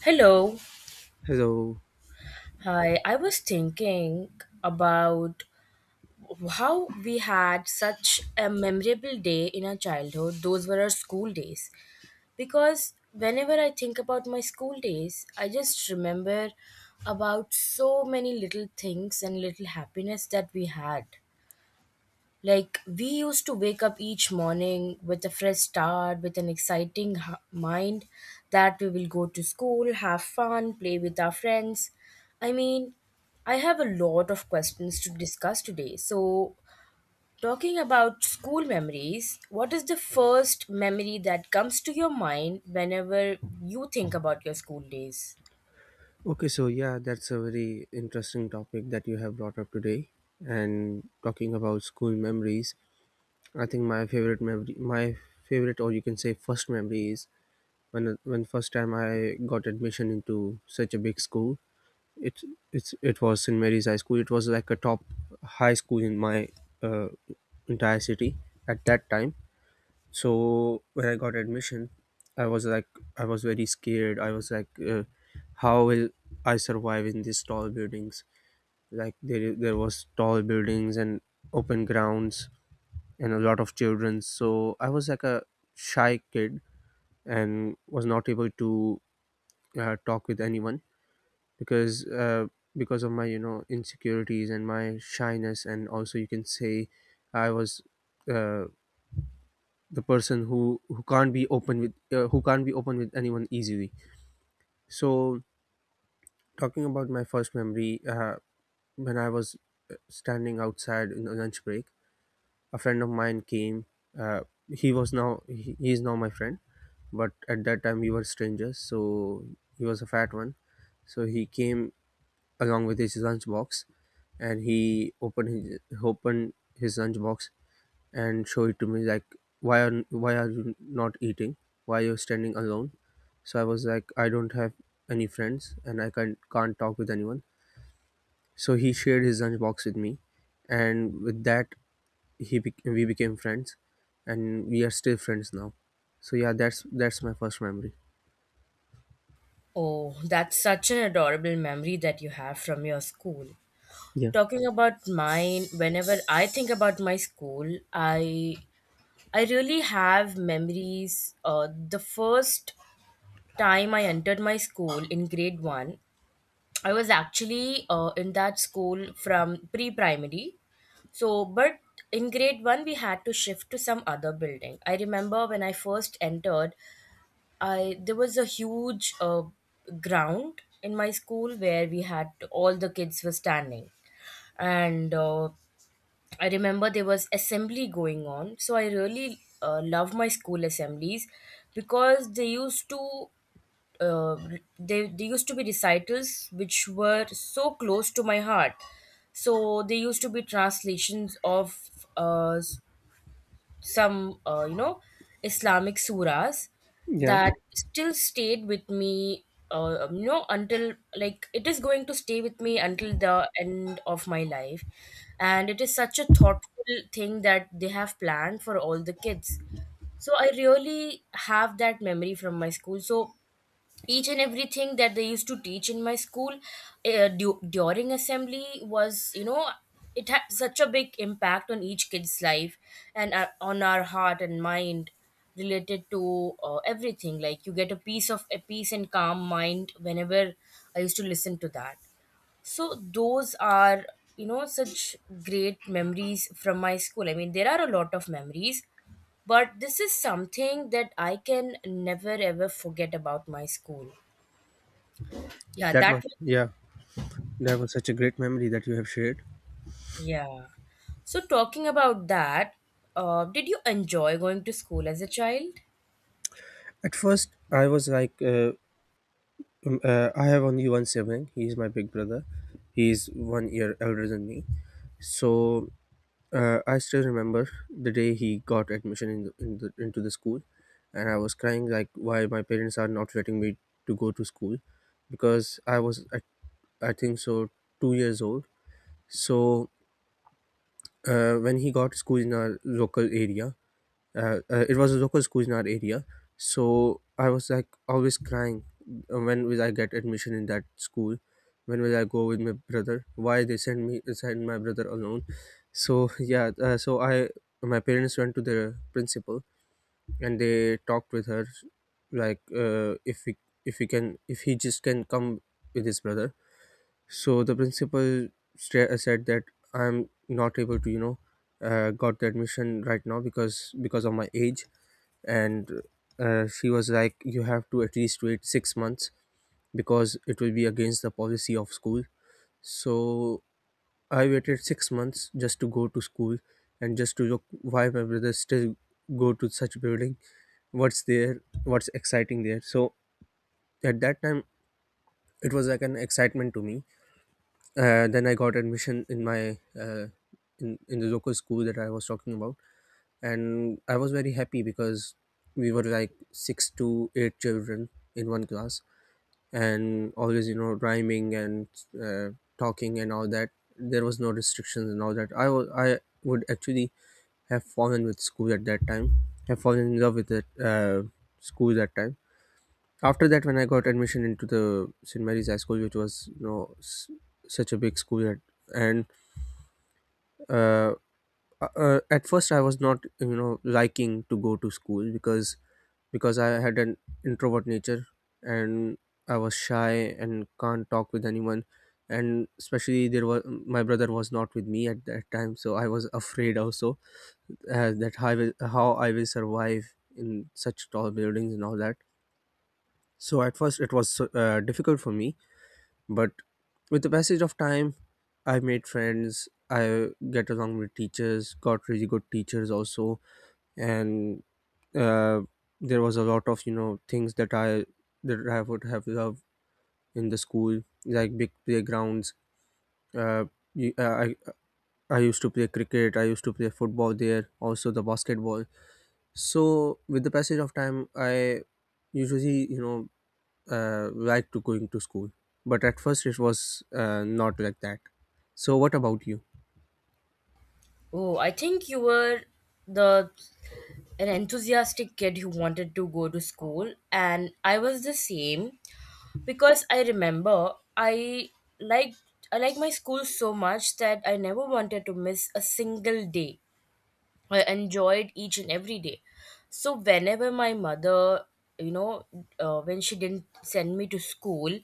Hello. Hello. Hi. I was thinking about how we had such a memorable day in our childhood. Those were our school days. Because whenever I think about my school days, I just remember about so many little things and little happiness that we had. Like we used to wake up each morning with a fresh start, with an exciting mind that we will go to school, have fun, play with our friends. I mean, I have a lot of questions to discuss today. So, talking about school memories, what is the first memory that comes to your mind whenever you think about your school days? Okay, so yeah, that's a very interesting topic that you have brought up today. And talking about school memories, I think my favorite memory, my favorite, or you can say first memory is when first time I got admission into such a big school. It it was St Mary's High School. It was like a top high school in my uh, entire city at that time. So when I got admission, I was like, I was very scared. I was like, how will I survive in these tall buildings? Like, there was tall buildings and open grounds and a lot of children. So I was like a shy kid and was not able to talk with anyone, because uh, because of my insecurities and my shyness. And also, you can say, I was uh, the person who can't be open with anyone easily. So talking about my first memory, when I was standing outside in the lunch break, a friend of mine came. uh, he was now, he is now my friend, but at that time we were strangers. So he was a fat one. So he came along with his lunchbox, and he opened his lunchbox and show it to me, like, why are you not eating? Why you're standing alone? So I was like, I don't have any friends and I can't talk with anyone. So he shared his lunch box with me, and with that he we became friends, and we are still friends now. So yeah, that's my first memory. Oh, that's such an adorable memory that you have from your school. Yeah. Talking about mine, whenever I think about my school, I really have memories. The first time I entered my school in grade 1, I was actually in that school from pre primary. So but in grade 1 we had to shift to some other building. I remember when I first entered, I there was a huge ground in my school where we had all the kids were standing. And I remember there was assembly going on, so I really love my school assemblies because they used to uh, they used to be recitals which were so close to my heart. So they used to be translations of uh, some Islamic surahs yeah that still stayed with me. Until like it is going to stay with me until the end of my life, and it is such a thoughtful thing that they have planned for all the kids. So I really have that memory from my school. So each and everything that they used to teach in my school during assembly was, it had such a big impact on each kid's life and on our heart and mind, related to everything. Like you get a piece of a peace and calm mind whenever I used to listen to that. So those are, such great memories from my school. I mean, there are a lot of memories, but this is something that I can never ever forget about my school. Yeah, that was, yeah, that was such a great memory that you have shared. yeah. So talking about that, did you enjoy going to school as a child? At first, I was like, I have only one sibling. He is my big brother. He is 1 year elder than me. So I still remember the day he got admission in into the school, and I was crying, like, why my parents are not letting me to go to school, because I was I think so 2 years old. So when he got school in our local area, it was Zoko's Kuznar area. So I was like always crying, when will I get admission in that school? When will I go with my brother? Why they send my brother alone? So yeah, so I, my parents went to the principal and they talked with her, like, if we, if we can if he just can come with his brother. So the principal said that I'm not able to, got the admission right now, because of my age. And she was like, you have to at least wait 6 months because it will be against the policy of school. So I waited 6 months just to go to school and just to look why my brother still go to such building, what's there, what's exciting there. So at that time it was like an excitement to me. Then I got admission in my in the local school that I was talking about, and I was very happy because we were like six to eight children in one class, and always, you know, rhyming and uh, talking and all that. There was no restrictions and all that. I would actually have fallen with school at that time, have fallen in love with it, school that time. After that, when I got admission into the St Mary's High School, which was, you know, such a big school at, and uh, at first I was not, you know, liking to go to school, because I had an introvert nature and I was shy and can't talk with anyone. And especially there was, my brother was not with me at that time, so I was afraid also that how how I will survive in such tall buildings and all that. So at first it was difficult for me, but with the passage of time, I made friends. I get along with teachers, got really good teachers also, and uh, there was a lot of, you know, things that I would have loved in the school, like big playgrounds. Uh, you- uh, I I used to play cricket. I used to play football there, also the basketball. So with the passage of time, I usually, you know, like to going to school, but at first it was not like that. So what about you? Oh, I think you were the an enthusiastic kid who wanted to go to school, and I was the same because I remember I liked, I liked my school so much that I never wanted to miss a single day. I enjoyed each and every day. So whenever my mother, you know, when she didn't send me to school,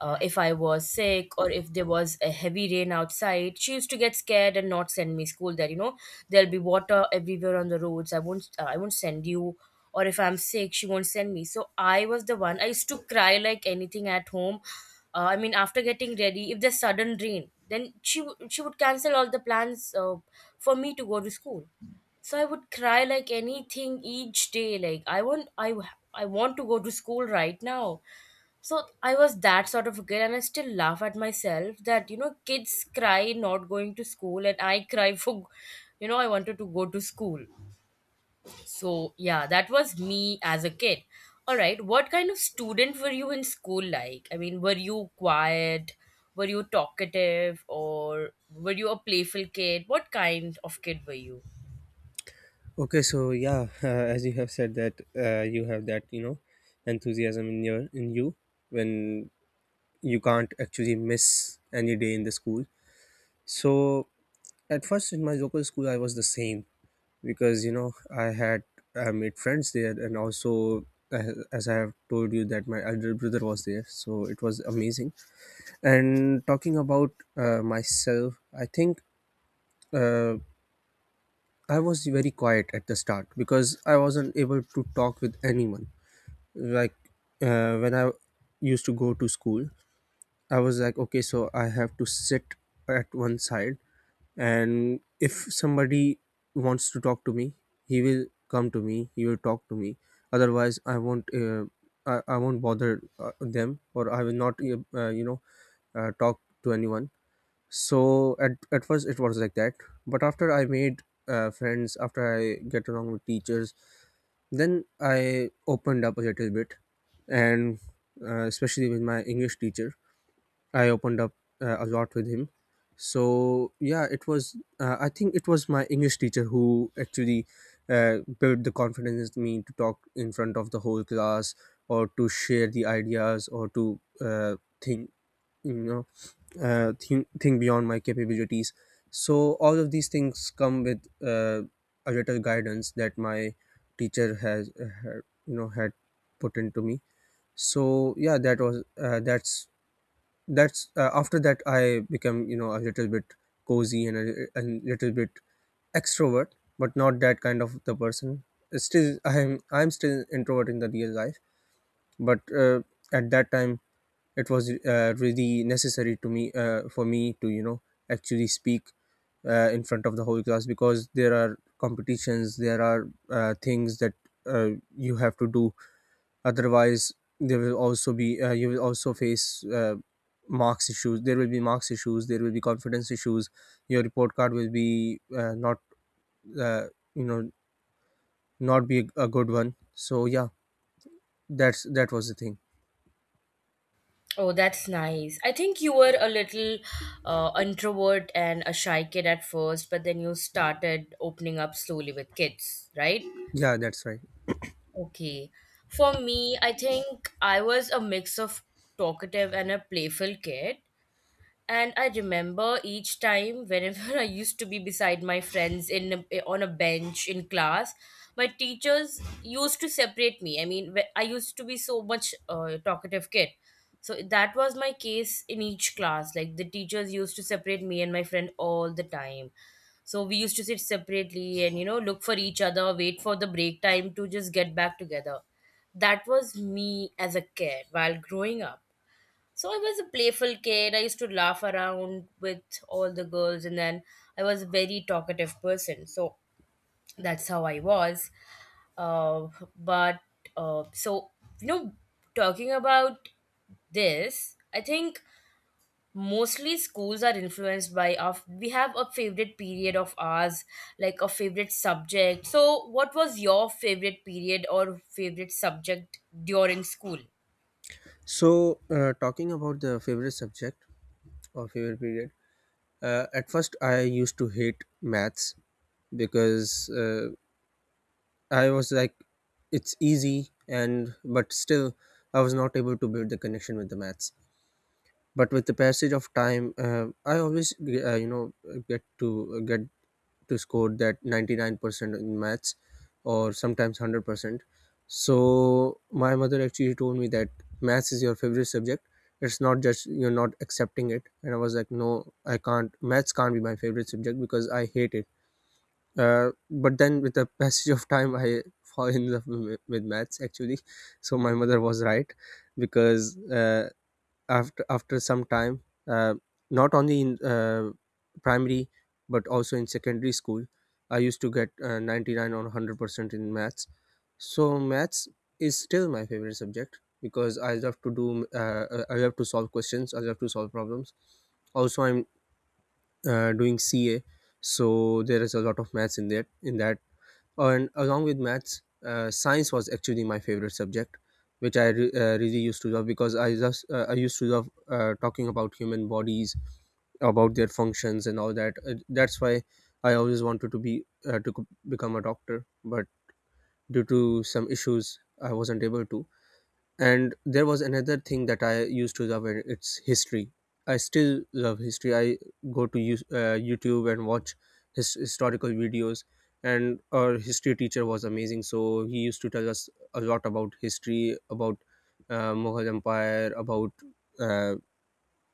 if I was sick or if there was a heavy rain outside, she used to get scared and not send me school. That, there'll be water everywhere on the roads. I won't send you. Or if I'm sick, she won't send me. So I was the one. I used to cry like anything at home. After getting ready, if there's sudden rain, then she would cancel all the plans for me to go to school. So I would cry like anything each day, like I want to go to school right now. So I was that sort of a kid, and I still laugh at myself that, kids cry not going to school and I cry for, I wanted to go to school. So yeah, that was me as a kid. All right, what kind of student were you in school? Were you quiet, were you talkative, or were you a playful kid? What kind of kid were you? Okay, so yeah, as you have said that you have that, you know, enthusiasm in your, in you, when you can't actually miss any day in the school. So at first, in my local school, I was the same, because, you know, I made friends there, and also, as I have told you that my elder brother was there, so it was amazing. And talking about myself, I think uh, I was very quiet at the start because I wasn't able to talk with anyone. Like, when I used to go to school, I was like, okay, so I have to sit at one side, and if somebody wants to talk to me, he will come to me, he will talk to me. Otherwise, I won't, I won't bother them, or I will not, talk to anyone. So at first it was like that, but after I made friends, after I get along with teachers, then I opened up a little bit. And especially with my English teacher, I opened up a lot with him. So yeah, it was. I think it was my English teacher who actually built the confidence in me to talk in front of the whole class, or to share the ideas, or to think, you know, think beyond my capabilities. So all of these things come with a little guidance that my teacher you know, had put into me. So yeah, that's after that I became, you know, a little bit cozy and a little bit extrovert, but not that kind of the person. Still, I'm still introvert in the real life. But at that time it was really necessary to me for me to, you know, actually speak in front of the whole class, because there are competitions, there are things that uh, you have to do. Otherwise, there will also be, you will also face marks issues. There will be marks issues. There will be confidence issues. Your report card will be, not uh, you know not be a good one. So yeah, that was the thing. Oh, that's nice. I think you were a little introvert and a shy kid at first, but then you started opening up slowly with kids, right? Yeah, that's right. Okay. For me, I think I was a mix of talkative and a playful kid. And I remember each time whenever I used to be beside my friends in on a bench in class, my teachers used to separate me. I used to be so much talkative kid. So that was my case in each class. Like the teachers used to separate me and my friend all the time. So we used to sit separately and, look for each other, wait for the break time to just get back together. That was me as a kid while growing up. So I was a playful kid. I used to laugh around with all the girls, and then I was a very talkative person. So that's how I was. Uh, but so you know, Talking about this, I think mostly schools are influenced by our. We have a favorite period of ours, like a favorite subject. So, what was your favorite period or favorite subject during school? So talking about the favorite subject or favorite period. At first, I used to hate maths, because I was like, it's easy, and but still, I was not able to build the connection with the maths. But with the passage of time, I always, you know, get to get to score that 99% in maths, or sometimes 100%. So my mother actually told me that maths is your favorite subject, it's not just, you're not accepting it. And I was like, no, I can't, maths can't be my favorite subject because I hate it. But then with the passage of time, I fall in love with maths actually. So my mother was right, because uh, after some time, uh, not only in primary, but also in secondary school, I used to get 99 or 100% in maths. So maths is still my favorite subject, because I love to do, I love to solve questions, I love to solve problems. Also, I'm doing CA, so there is a lot of maths in that, and along with maths, science was actually my favorite subject, which really used to love, because I just, I used to love talking about human bodies, about their functions and all that. That's why I always wanted to be, become a doctor, but due to some issues I wasn't able to. And there was another thing that I used to love, and it's history. I still love history. I go to use, YouTube, and watch historical videos. And our history teacher was amazing, so he used to tell us a lot about history, about Mughal empire, about uh,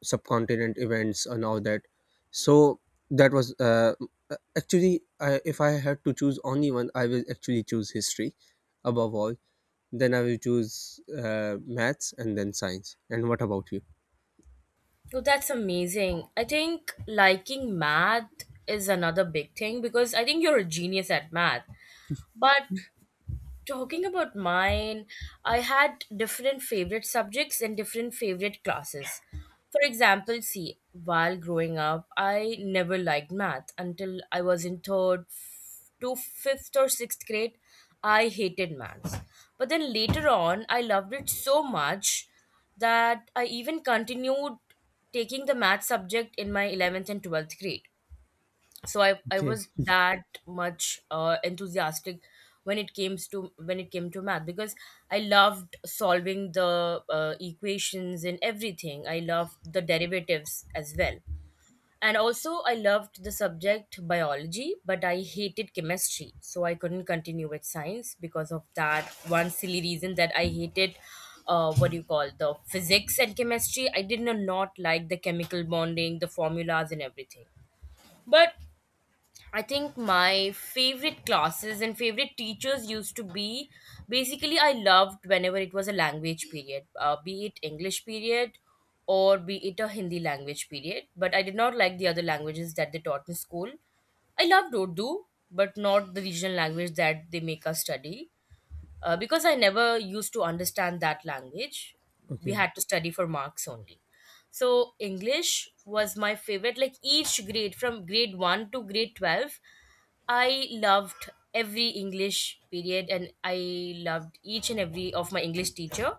subcontinent events and all that. So that was, actually, if I had to choose only one, I will actually choose history above all, then I will choose maths and then science. And what about you? Oh, that's amazing. I think liking math is another big thing because I think you're a genius at math. But talking about mine, I had different favorite subjects and different favorite classes. For example, see, while growing up, I never liked math until I was in to fifth or sixth grade. I hated maths. But then later on, I loved it so much that I even continued taking the math subject in my 11th and 12th grade. So I Okay, was that much enthusiastic when it came to math because I loved solving the equations and everything. I loved the derivatives as well. And also I loved the subject biology, but I hated chemistry, so I couldn't continue with science because of that one silly reason that I hated, what do you call, the physics and chemistry. I did not like the chemical bonding, the formulas and everything. But I think my favorite classes and favorite teachers used to be, basically I loved whenever it was a language period, be it English period or be it a Hindi language period. But I did not like the other languages that they taught in school. I loved Urdu, but not the regional language that they make us study because I never used to understand that language, we okay. had to study for marks only. So English was my favorite. Like each grade, from grade one to grade 12, I loved every English period, and I loved each and every of my English teacher.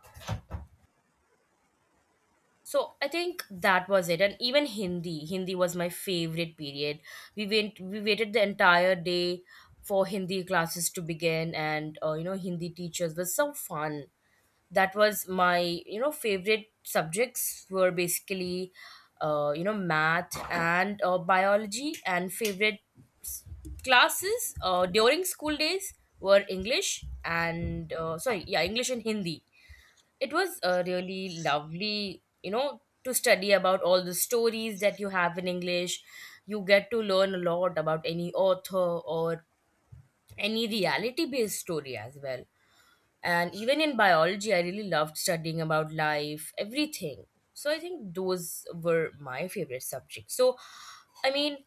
So I think that was it, and even Hindi. Hindi was my favorite period. We waited the entire day for Hindi classes to begin, and Hindi teachers were so fun. That was my, favorite subjects were basically, math and biology, and favorite s- classes during school days were English and sorry, yeah, English and Hindi. It was really lovely, to study about all the stories that you have in English. You get to learn a lot about any author or any reality based story as well. And even in biology I really loved studying about life, everything. So I think those were my favorite subjects. So i mean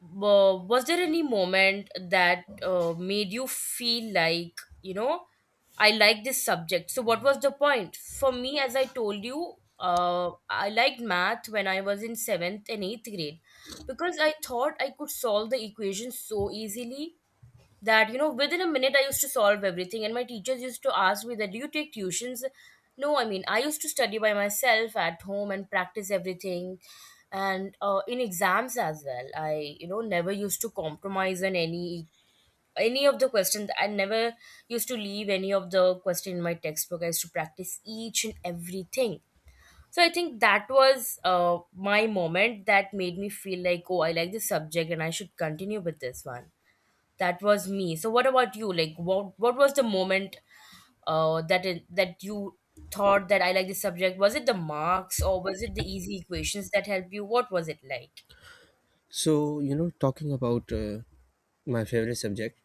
was there any moment that made you feel like, I like this subject? So what was the point? For me, as I told you, I liked math when I was in 7th and 8th grade because I thought I could solve the equation so easily that, within a minute I used to solve everything, and my teachers used to ask me that do you take tuitions? No, I mean, I used to study by myself at home and practice everything. And in exams as well, I you know, never used to compromise on any of the questions. I never used to leave any of the question in my textbook. I used to practice each and everything. So I think that was my moment that made me feel like, oh, I like this subject and I should continue with this one. That was me. So what about you? Like what was the moment that you thought that I like this subject? Was it the marks or was it the easy equations that helped you? What was it like? So, you know, talking about my favorite subject,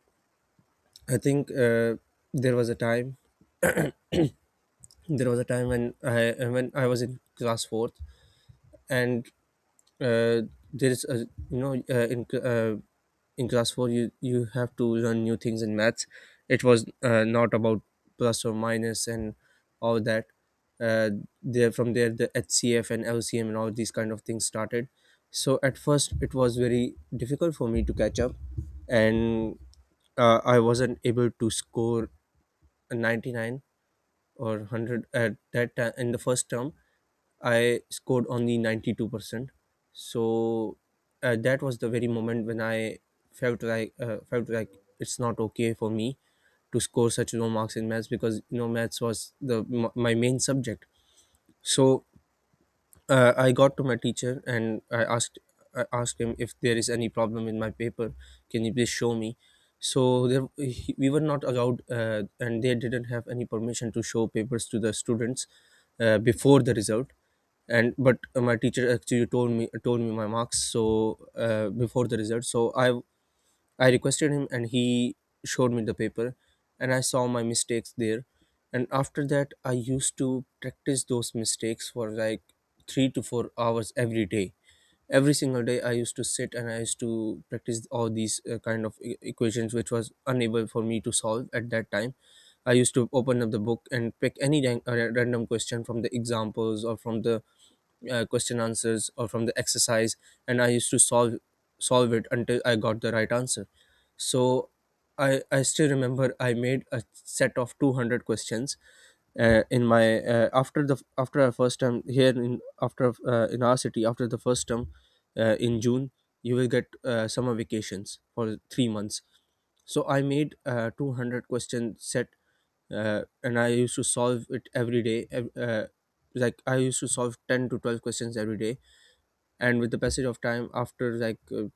I think there was a time when I was in class 4th. And uh, there is a you know in class 4 you have to learn new things in maths. It was not about plus or minus and all that. uh, there, from there, the hcf and lcm and all these kind of things started. So at first it was very difficult for me to catch up, and I wasn't able to score a 99 or 100 at that time. In the first term I scored only 92%. So that was the very moment when I felt like it's not okay for me to score such low marks in maths, because you know maths was my main subject. So I got to my teacher and I asked him if there is any problem in my paper. Can you please show me? So there, he, we were not allowed, and they didn't have any permission to show papers to the students before the result. And but my teacher actually told me my marks so before the result. So I requested him and he showed me the paper, and I saw my mistakes there. And after that, I used to practice those mistakes for like 3 to 4 hours every day. Every single day, I used to sit and I used to practice all these kind of equations which was unable for me to solve at that time. I used to open up the book and pick any random question from the examples or from the question answers or from the exercise, and I used to solve it until I got the right answer. So I still remember, I made a set of 200 questions in my after the after our first term. Here in after in our city, after the first term, in june you will get summer vacations for 3 months. So I made a 200 question set, and I used to solve it every day, like I used to solve 10 to 12 questions every day. And with the passage of time, after like uh,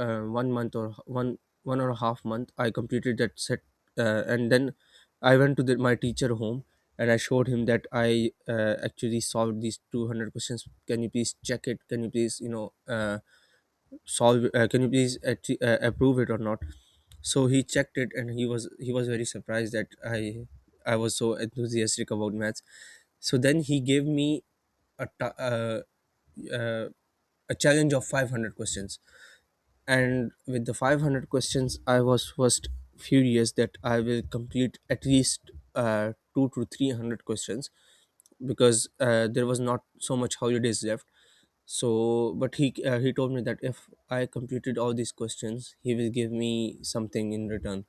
uh, 1 month, or one or a half month, I completed that set. And then I went to the, my teacher home, and I showed him that I actually solved these 200 questions. Can you please check it? Can you please, you know, solve can you please approve it or not? So he checked it, and he was very surprised that I was so enthusiastic about maths. So then he gave me a ta- uh, uh, a challenge of 500 questions. And with the 500 questions, I was first furious that I will complete at least 2 to 300 questions, because there was not so much holidays left. So but he told me that if I completed all these questions, he will give me something in return,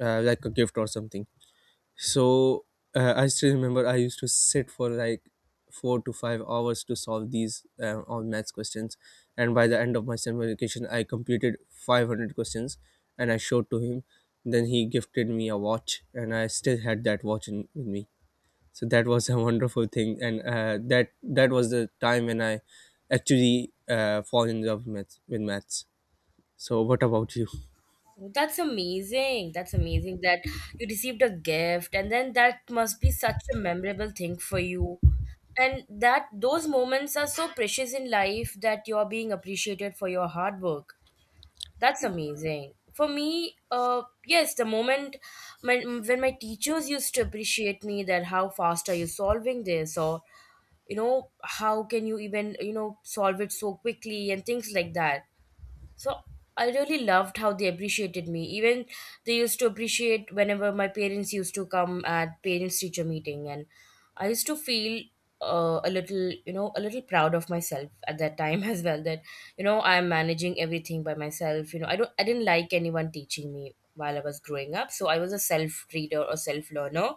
like a gift or something. So I still remember, I used to sit for like 4 to 5 hours to solve these all maths questions, and by the end of my summer vacation I completed 500 questions, and I showed to him. Then he gifted me a watch, and I still had that watch in, with me. So that was a wonderful thing, and that that was the time when I actually fall in love with maths. So what about you? That's amazing. That's amazing that you received a gift and then that must be such a memorable thing for you. And that those moments are so precious in life that you're being appreciated for your hard work. That's amazing. For me, yes, the moment when my teachers used to appreciate me that how fast are you solving this or, how can you even, solve it so quickly, and things like that. So I really loved how they appreciated me. Even they used to appreciate whenever my parents used to come at parents teacher meeting, and I used to feel a little, a little proud of myself at that time as well. That you know I'm managing everything by myself. I didn't like anyone teaching me while I was growing up, so I was a self reader or self learner.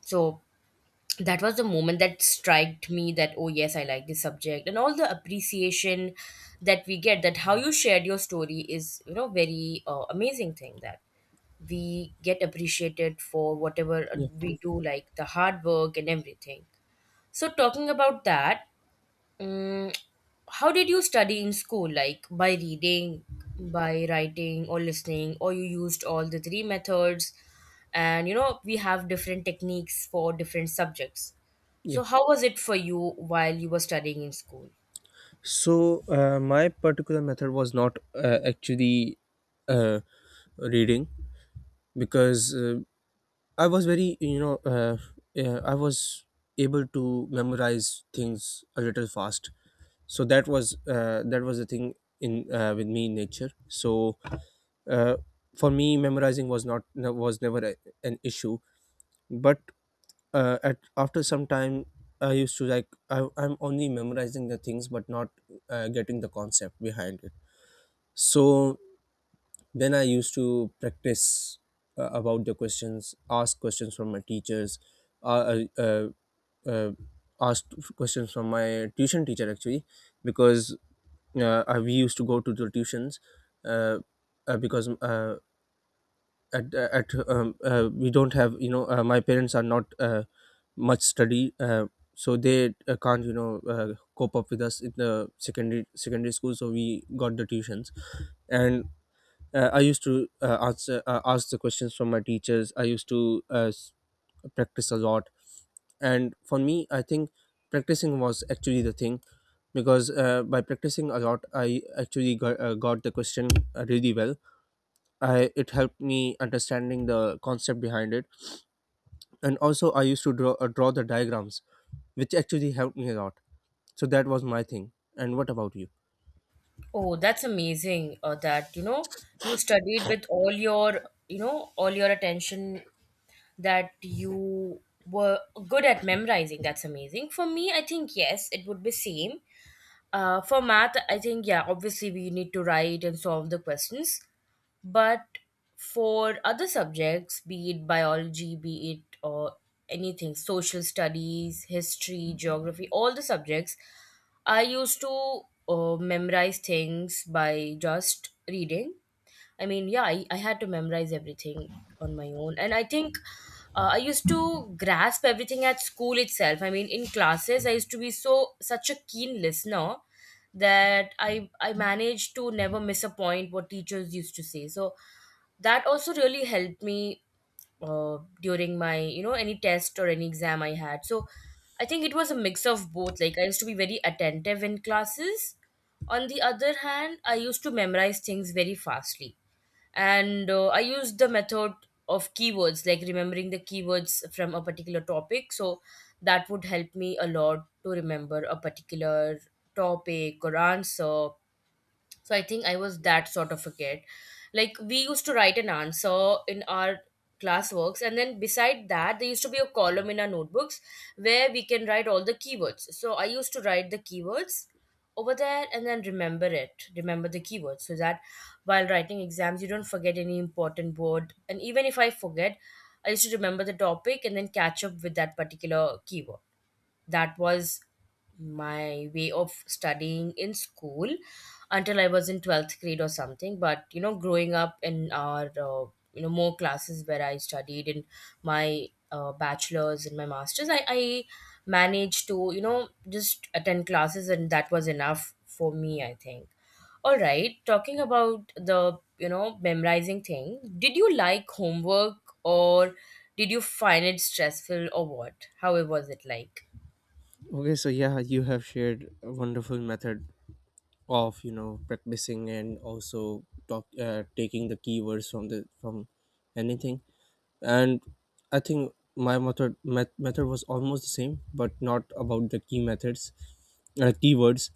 So that was the moment that struck me that oh yes, I like this subject. And all the appreciation that we get, that how you shared your story is very amazing thing that we get appreciated for whatever Yeah, we do, like the hard work and everything. So talking about that um, how did you study in school? Like by reading, by writing or listening, or you used all the three methods? And you know we have different techniques for different subjects, yeah. so how was it for you while you were studying in school? So my particular method was not actually uh, reading, because I was very, you know, yeah, I was able to memorize things a little fast. So that was the thing in with me in nature. So uh, for me memorizing was not no- was never an issue. But at after some time, I used to like I'm only memorizing the things but not getting the concept behind it. So then I used to practice, about the questions, ask questions from my teachers, uh, uh, uh, uh, asked questions from my tuition teacher actually. Because we used to go to the tuitions, uh, because at we don't have, you know, my parents are not much study, so they can't, you know, cope up with us in the secondary school, so we got the tuitions. And I used to answer ask the questions from my teachers. I used to practice a lot. And for me, I think practicing was actually the thing, because by practicing a lot, I actually got the question really well. It helped me understanding the concept behind it. And also I used to draw the diagrams, which actually helped me a lot. So that was my thing. And what about you? Oh, that's amazing, that, you know, you studied with all your, you know, all your attention, that you were good at memorizing. That's amazing. For me, I think yes, it would be same. For math, I think yeah, obviously we need to write and solve the questions. But for other subjects, be it biology, be it or anything, social studies, history, geography, all the subjects, I used to memorize things by just reading. I mean, yeah, I had to memorize everything on my own. And I think I used to grasp everything at school itself. I mean, in classes, I used to be so such a keen listener that I managed to never miss a point what teachers used to say. So that also really helped me during my any test or any exam I had. So I think it was a mix of both. Like I used to be very attentive in classes. On the other hand, I used to memorize things very fastly, and I used the method of keywords, like remembering the keywords from a particular topic, so that would help me a lot to remember a particular topic or answer. So I think I was that sort of a kid. Like, we used to write an answer in our classworks, and then beside that there used to be a column in our notebooks where we can write all the keywords. So I used to write the keywords over there and then remember the keywords, so that while writing exams you don't forget any important word. And even if I forget, I used to remember the topic and then catch up with that particular keyword. That was my way of studying in school until I was in 12th grade or something. But you know, growing up in our more classes where I studied in my bachelor's and my master's, I managed to just attend classes, and that was enough for me, I think. All right, talking about the memorizing thing, did you like homework, or did you find it stressful, or what? How it was it like? Okay, so yeah, you have shared a wonderful method of, you know, practicing and also taking the keywords from the from anything. And I think my method was almost the same, but not about the key methods, keywords.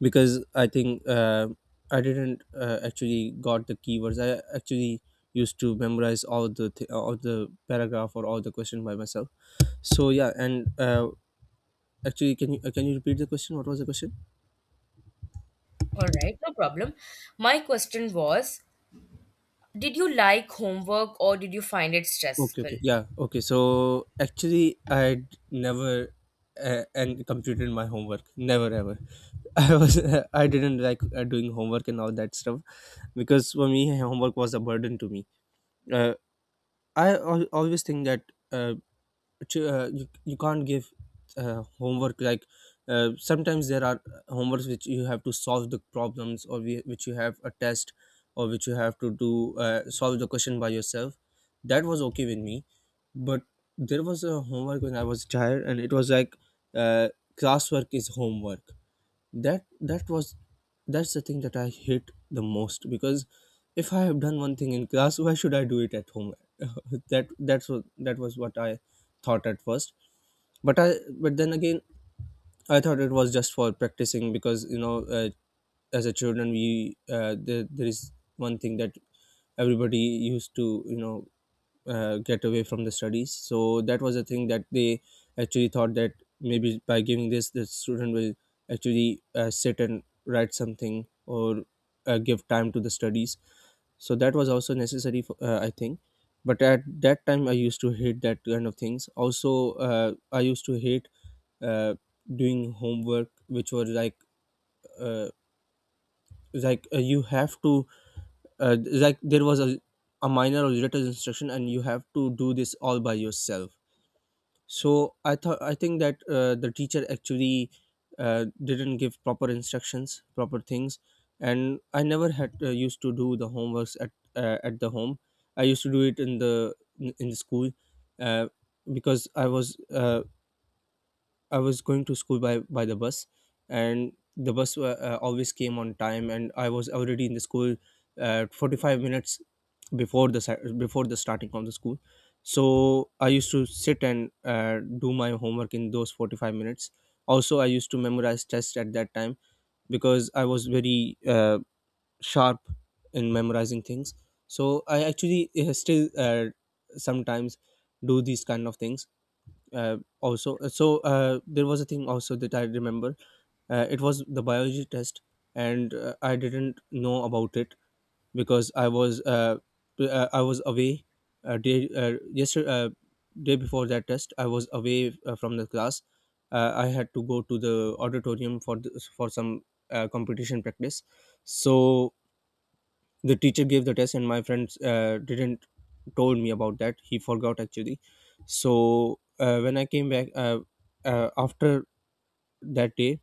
Because I think I didn't actually got the keywords. I actually used to memorize all all the paragraph or all the question by myself. So yeah. And actually, can you repeat the question? What was the question? All right, no problem. My question was, did you like homework or did you find it Okay, stressful? okay, yeah, okay. So actually, I never and completed my homework. Never ever. I was I didn't like doing homework and all that stuff, because for me homework was a burden to me. Uh, I always think that. uh, you, you can't give homework like, sometimes there are homeworks which you have to solve the problems, or we, which you have a test, or which you have to do solve the question by yourself. That was okay with me. But there was a homework when I was a child, and it was like uh, classwork is homework. That was, that's the thing that I hate the most, because if I have done one thing in class, why should I do it at home? That was what I thought at first. But I but then again, I thought it was just for practicing, because you know, as a children, we there, there is one thing that everybody used to, you know, get away from the studies. So that was a thing that they actually thought that maybe by giving this, the student will actually sit and write something, or give time to the studies. So that was also necessary, for, I think. But at that time, I used to hate that kind of things. Also, I used to hate uh, doing homework, which were like uh, you have to like there was a minor or little instruction, and you have to do this all by yourself. So I thought, I think that the teacher actually didn't give proper instructions, proper things, and I never had used to do the homeworks at the home. I used to do it in the school, uh, because I was going to school by the bus, and the bus always came on time, and I was already in the school 45 minutes before the before the starting of the school. So I used to sit and do my homework in those 45 minutes. Also, I used to memorize tests at that time, because I was very sharp in memorizing things. So I actually still sometimes do these kind of things. Also So there was a thing also that I remember, it was the biology test, and I didn't know about it, because I was away, uh, day uh, yesterday uh, day before that test I was away from the class. I had to go to the auditorium for the, for some competition practice. So the teacher gave the test, and my friends didn't told me about that. He forgot actually. So when I came back, after that day,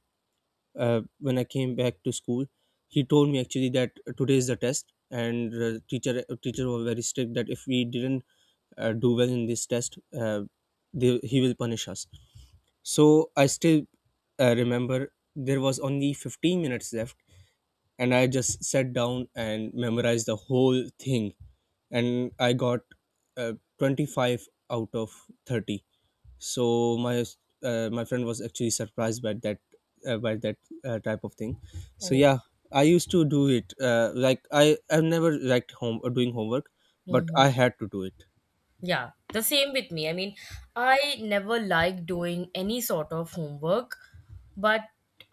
when I came back to school, he told me actually that today is the test, and teacher was very strict that if we didn't do well in this test, he will punish us. So I still remember, there was only 15 minutes left, and I just sat down and memorized the whole thing, and I got uh, 25 out of 30. So my my friend was actually surprised by that type of thing. So Oh. yeah, I used to do it. Like I've never liked home doing homework, but I Mm-hmm. had to do it. Yeah, the same with me. I mean, I never liked doing any sort of homework. But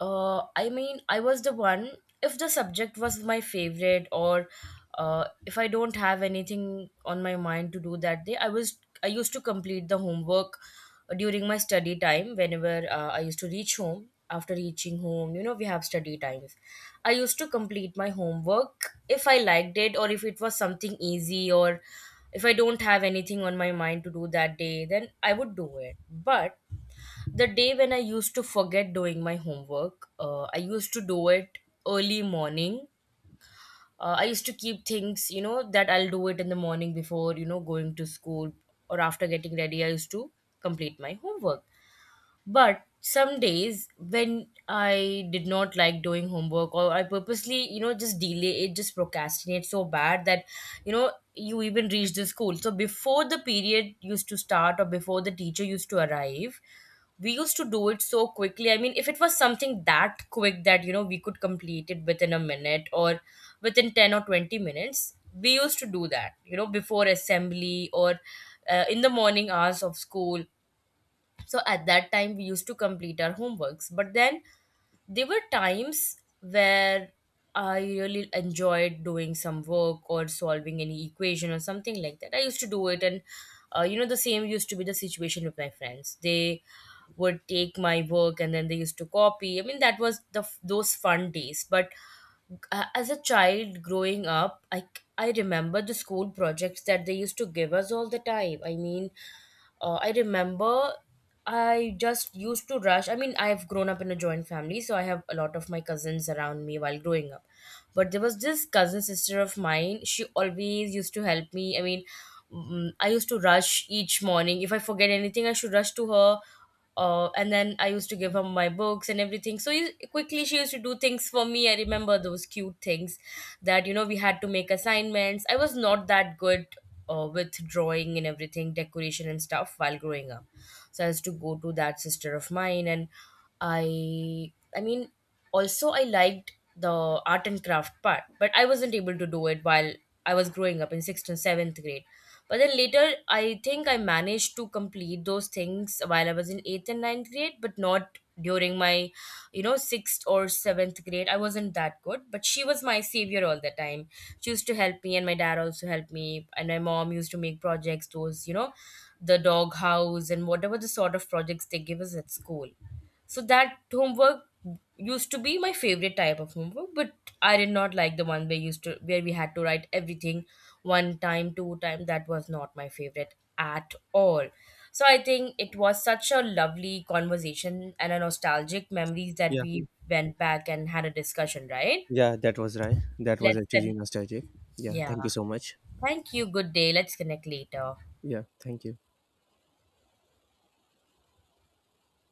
I mean, I was the one, if the subject was my favorite, or if I don't have anything on my mind to do that day, I used to complete the homework during my study time. Whenever I used to reach home, after reaching home, you know, we have study times, I used to complete my homework if I liked it, or if it was something easy, or if I don't have anything on my mind to do that day, then I would do it. But the day when I used to forget doing my homework, I used to do it early morning. I used to keep things, you know, that I'll do it in the morning before, you know, going to school, or after getting ready I used to complete my homework. But some days when I did not like doing homework, or I purposely, you know, just delay it, just procrastinate so bad that, you know, you even reach the school. So before the period used to start or before the teacher used to arrive, we used to do it so quickly. I mean, if it was something that quick that, you know, we could complete it within a minute or within 10 or 20 minutes, we used to do that, you know, before assembly or in the morning hours of school. So at that time we used to complete our homeworks, but then there were times where I really enjoyed doing some work or solving any equation or something like that. I used to do it. And you know, the same used to be the situation with my friends. They would take my work and then they used to copy. I mean, that was the those fun days. But as a child growing up, I remember the school projects that they used to give us all the time. I mean, I remember I just used to rush. I mean, I've grown up in a joint family, so I have a lot of my cousins around me while growing up. But there was this cousin sister of mine. She always used to help me. I mean, mm, I used to rush each morning. If I forget anything, I should rush to her. And then I used to give her my books and everything. So you, quickly, she used to do things for me. I remember those cute things that, you know, we had to make assignments. I was not that good with drawing and everything, decoration and stuff while growing up. So I used to go to that sister of mine, and I mean, also I liked the art and craft part, but I wasn't able to do it while I was growing up in sixth and seventh grade. But then later, I think I managed to complete those things while I was in eighth and ninth grade, but not during my, you know, sixth or seventh grade. I wasn't that good, but she was my savior all the time. She used to help me, and my dad also helped me, and my mom used to make projects, those, you know, the dog house and whatever the sort of projects they give us at school. So that homework used to be my favorite type of homework, but I did not like the one we used to where we had to write everything one time, two time. That was not my favorite at all. So I think it was such a lovely conversation and a nostalgic memories that Yeah, we went back and had a discussion, right? yeah, that was right. That was Let's actually con- nostalgic. Yeah, yeah. thank you so much. Thank you. Good day. Let's connect later. Yeah, thank you.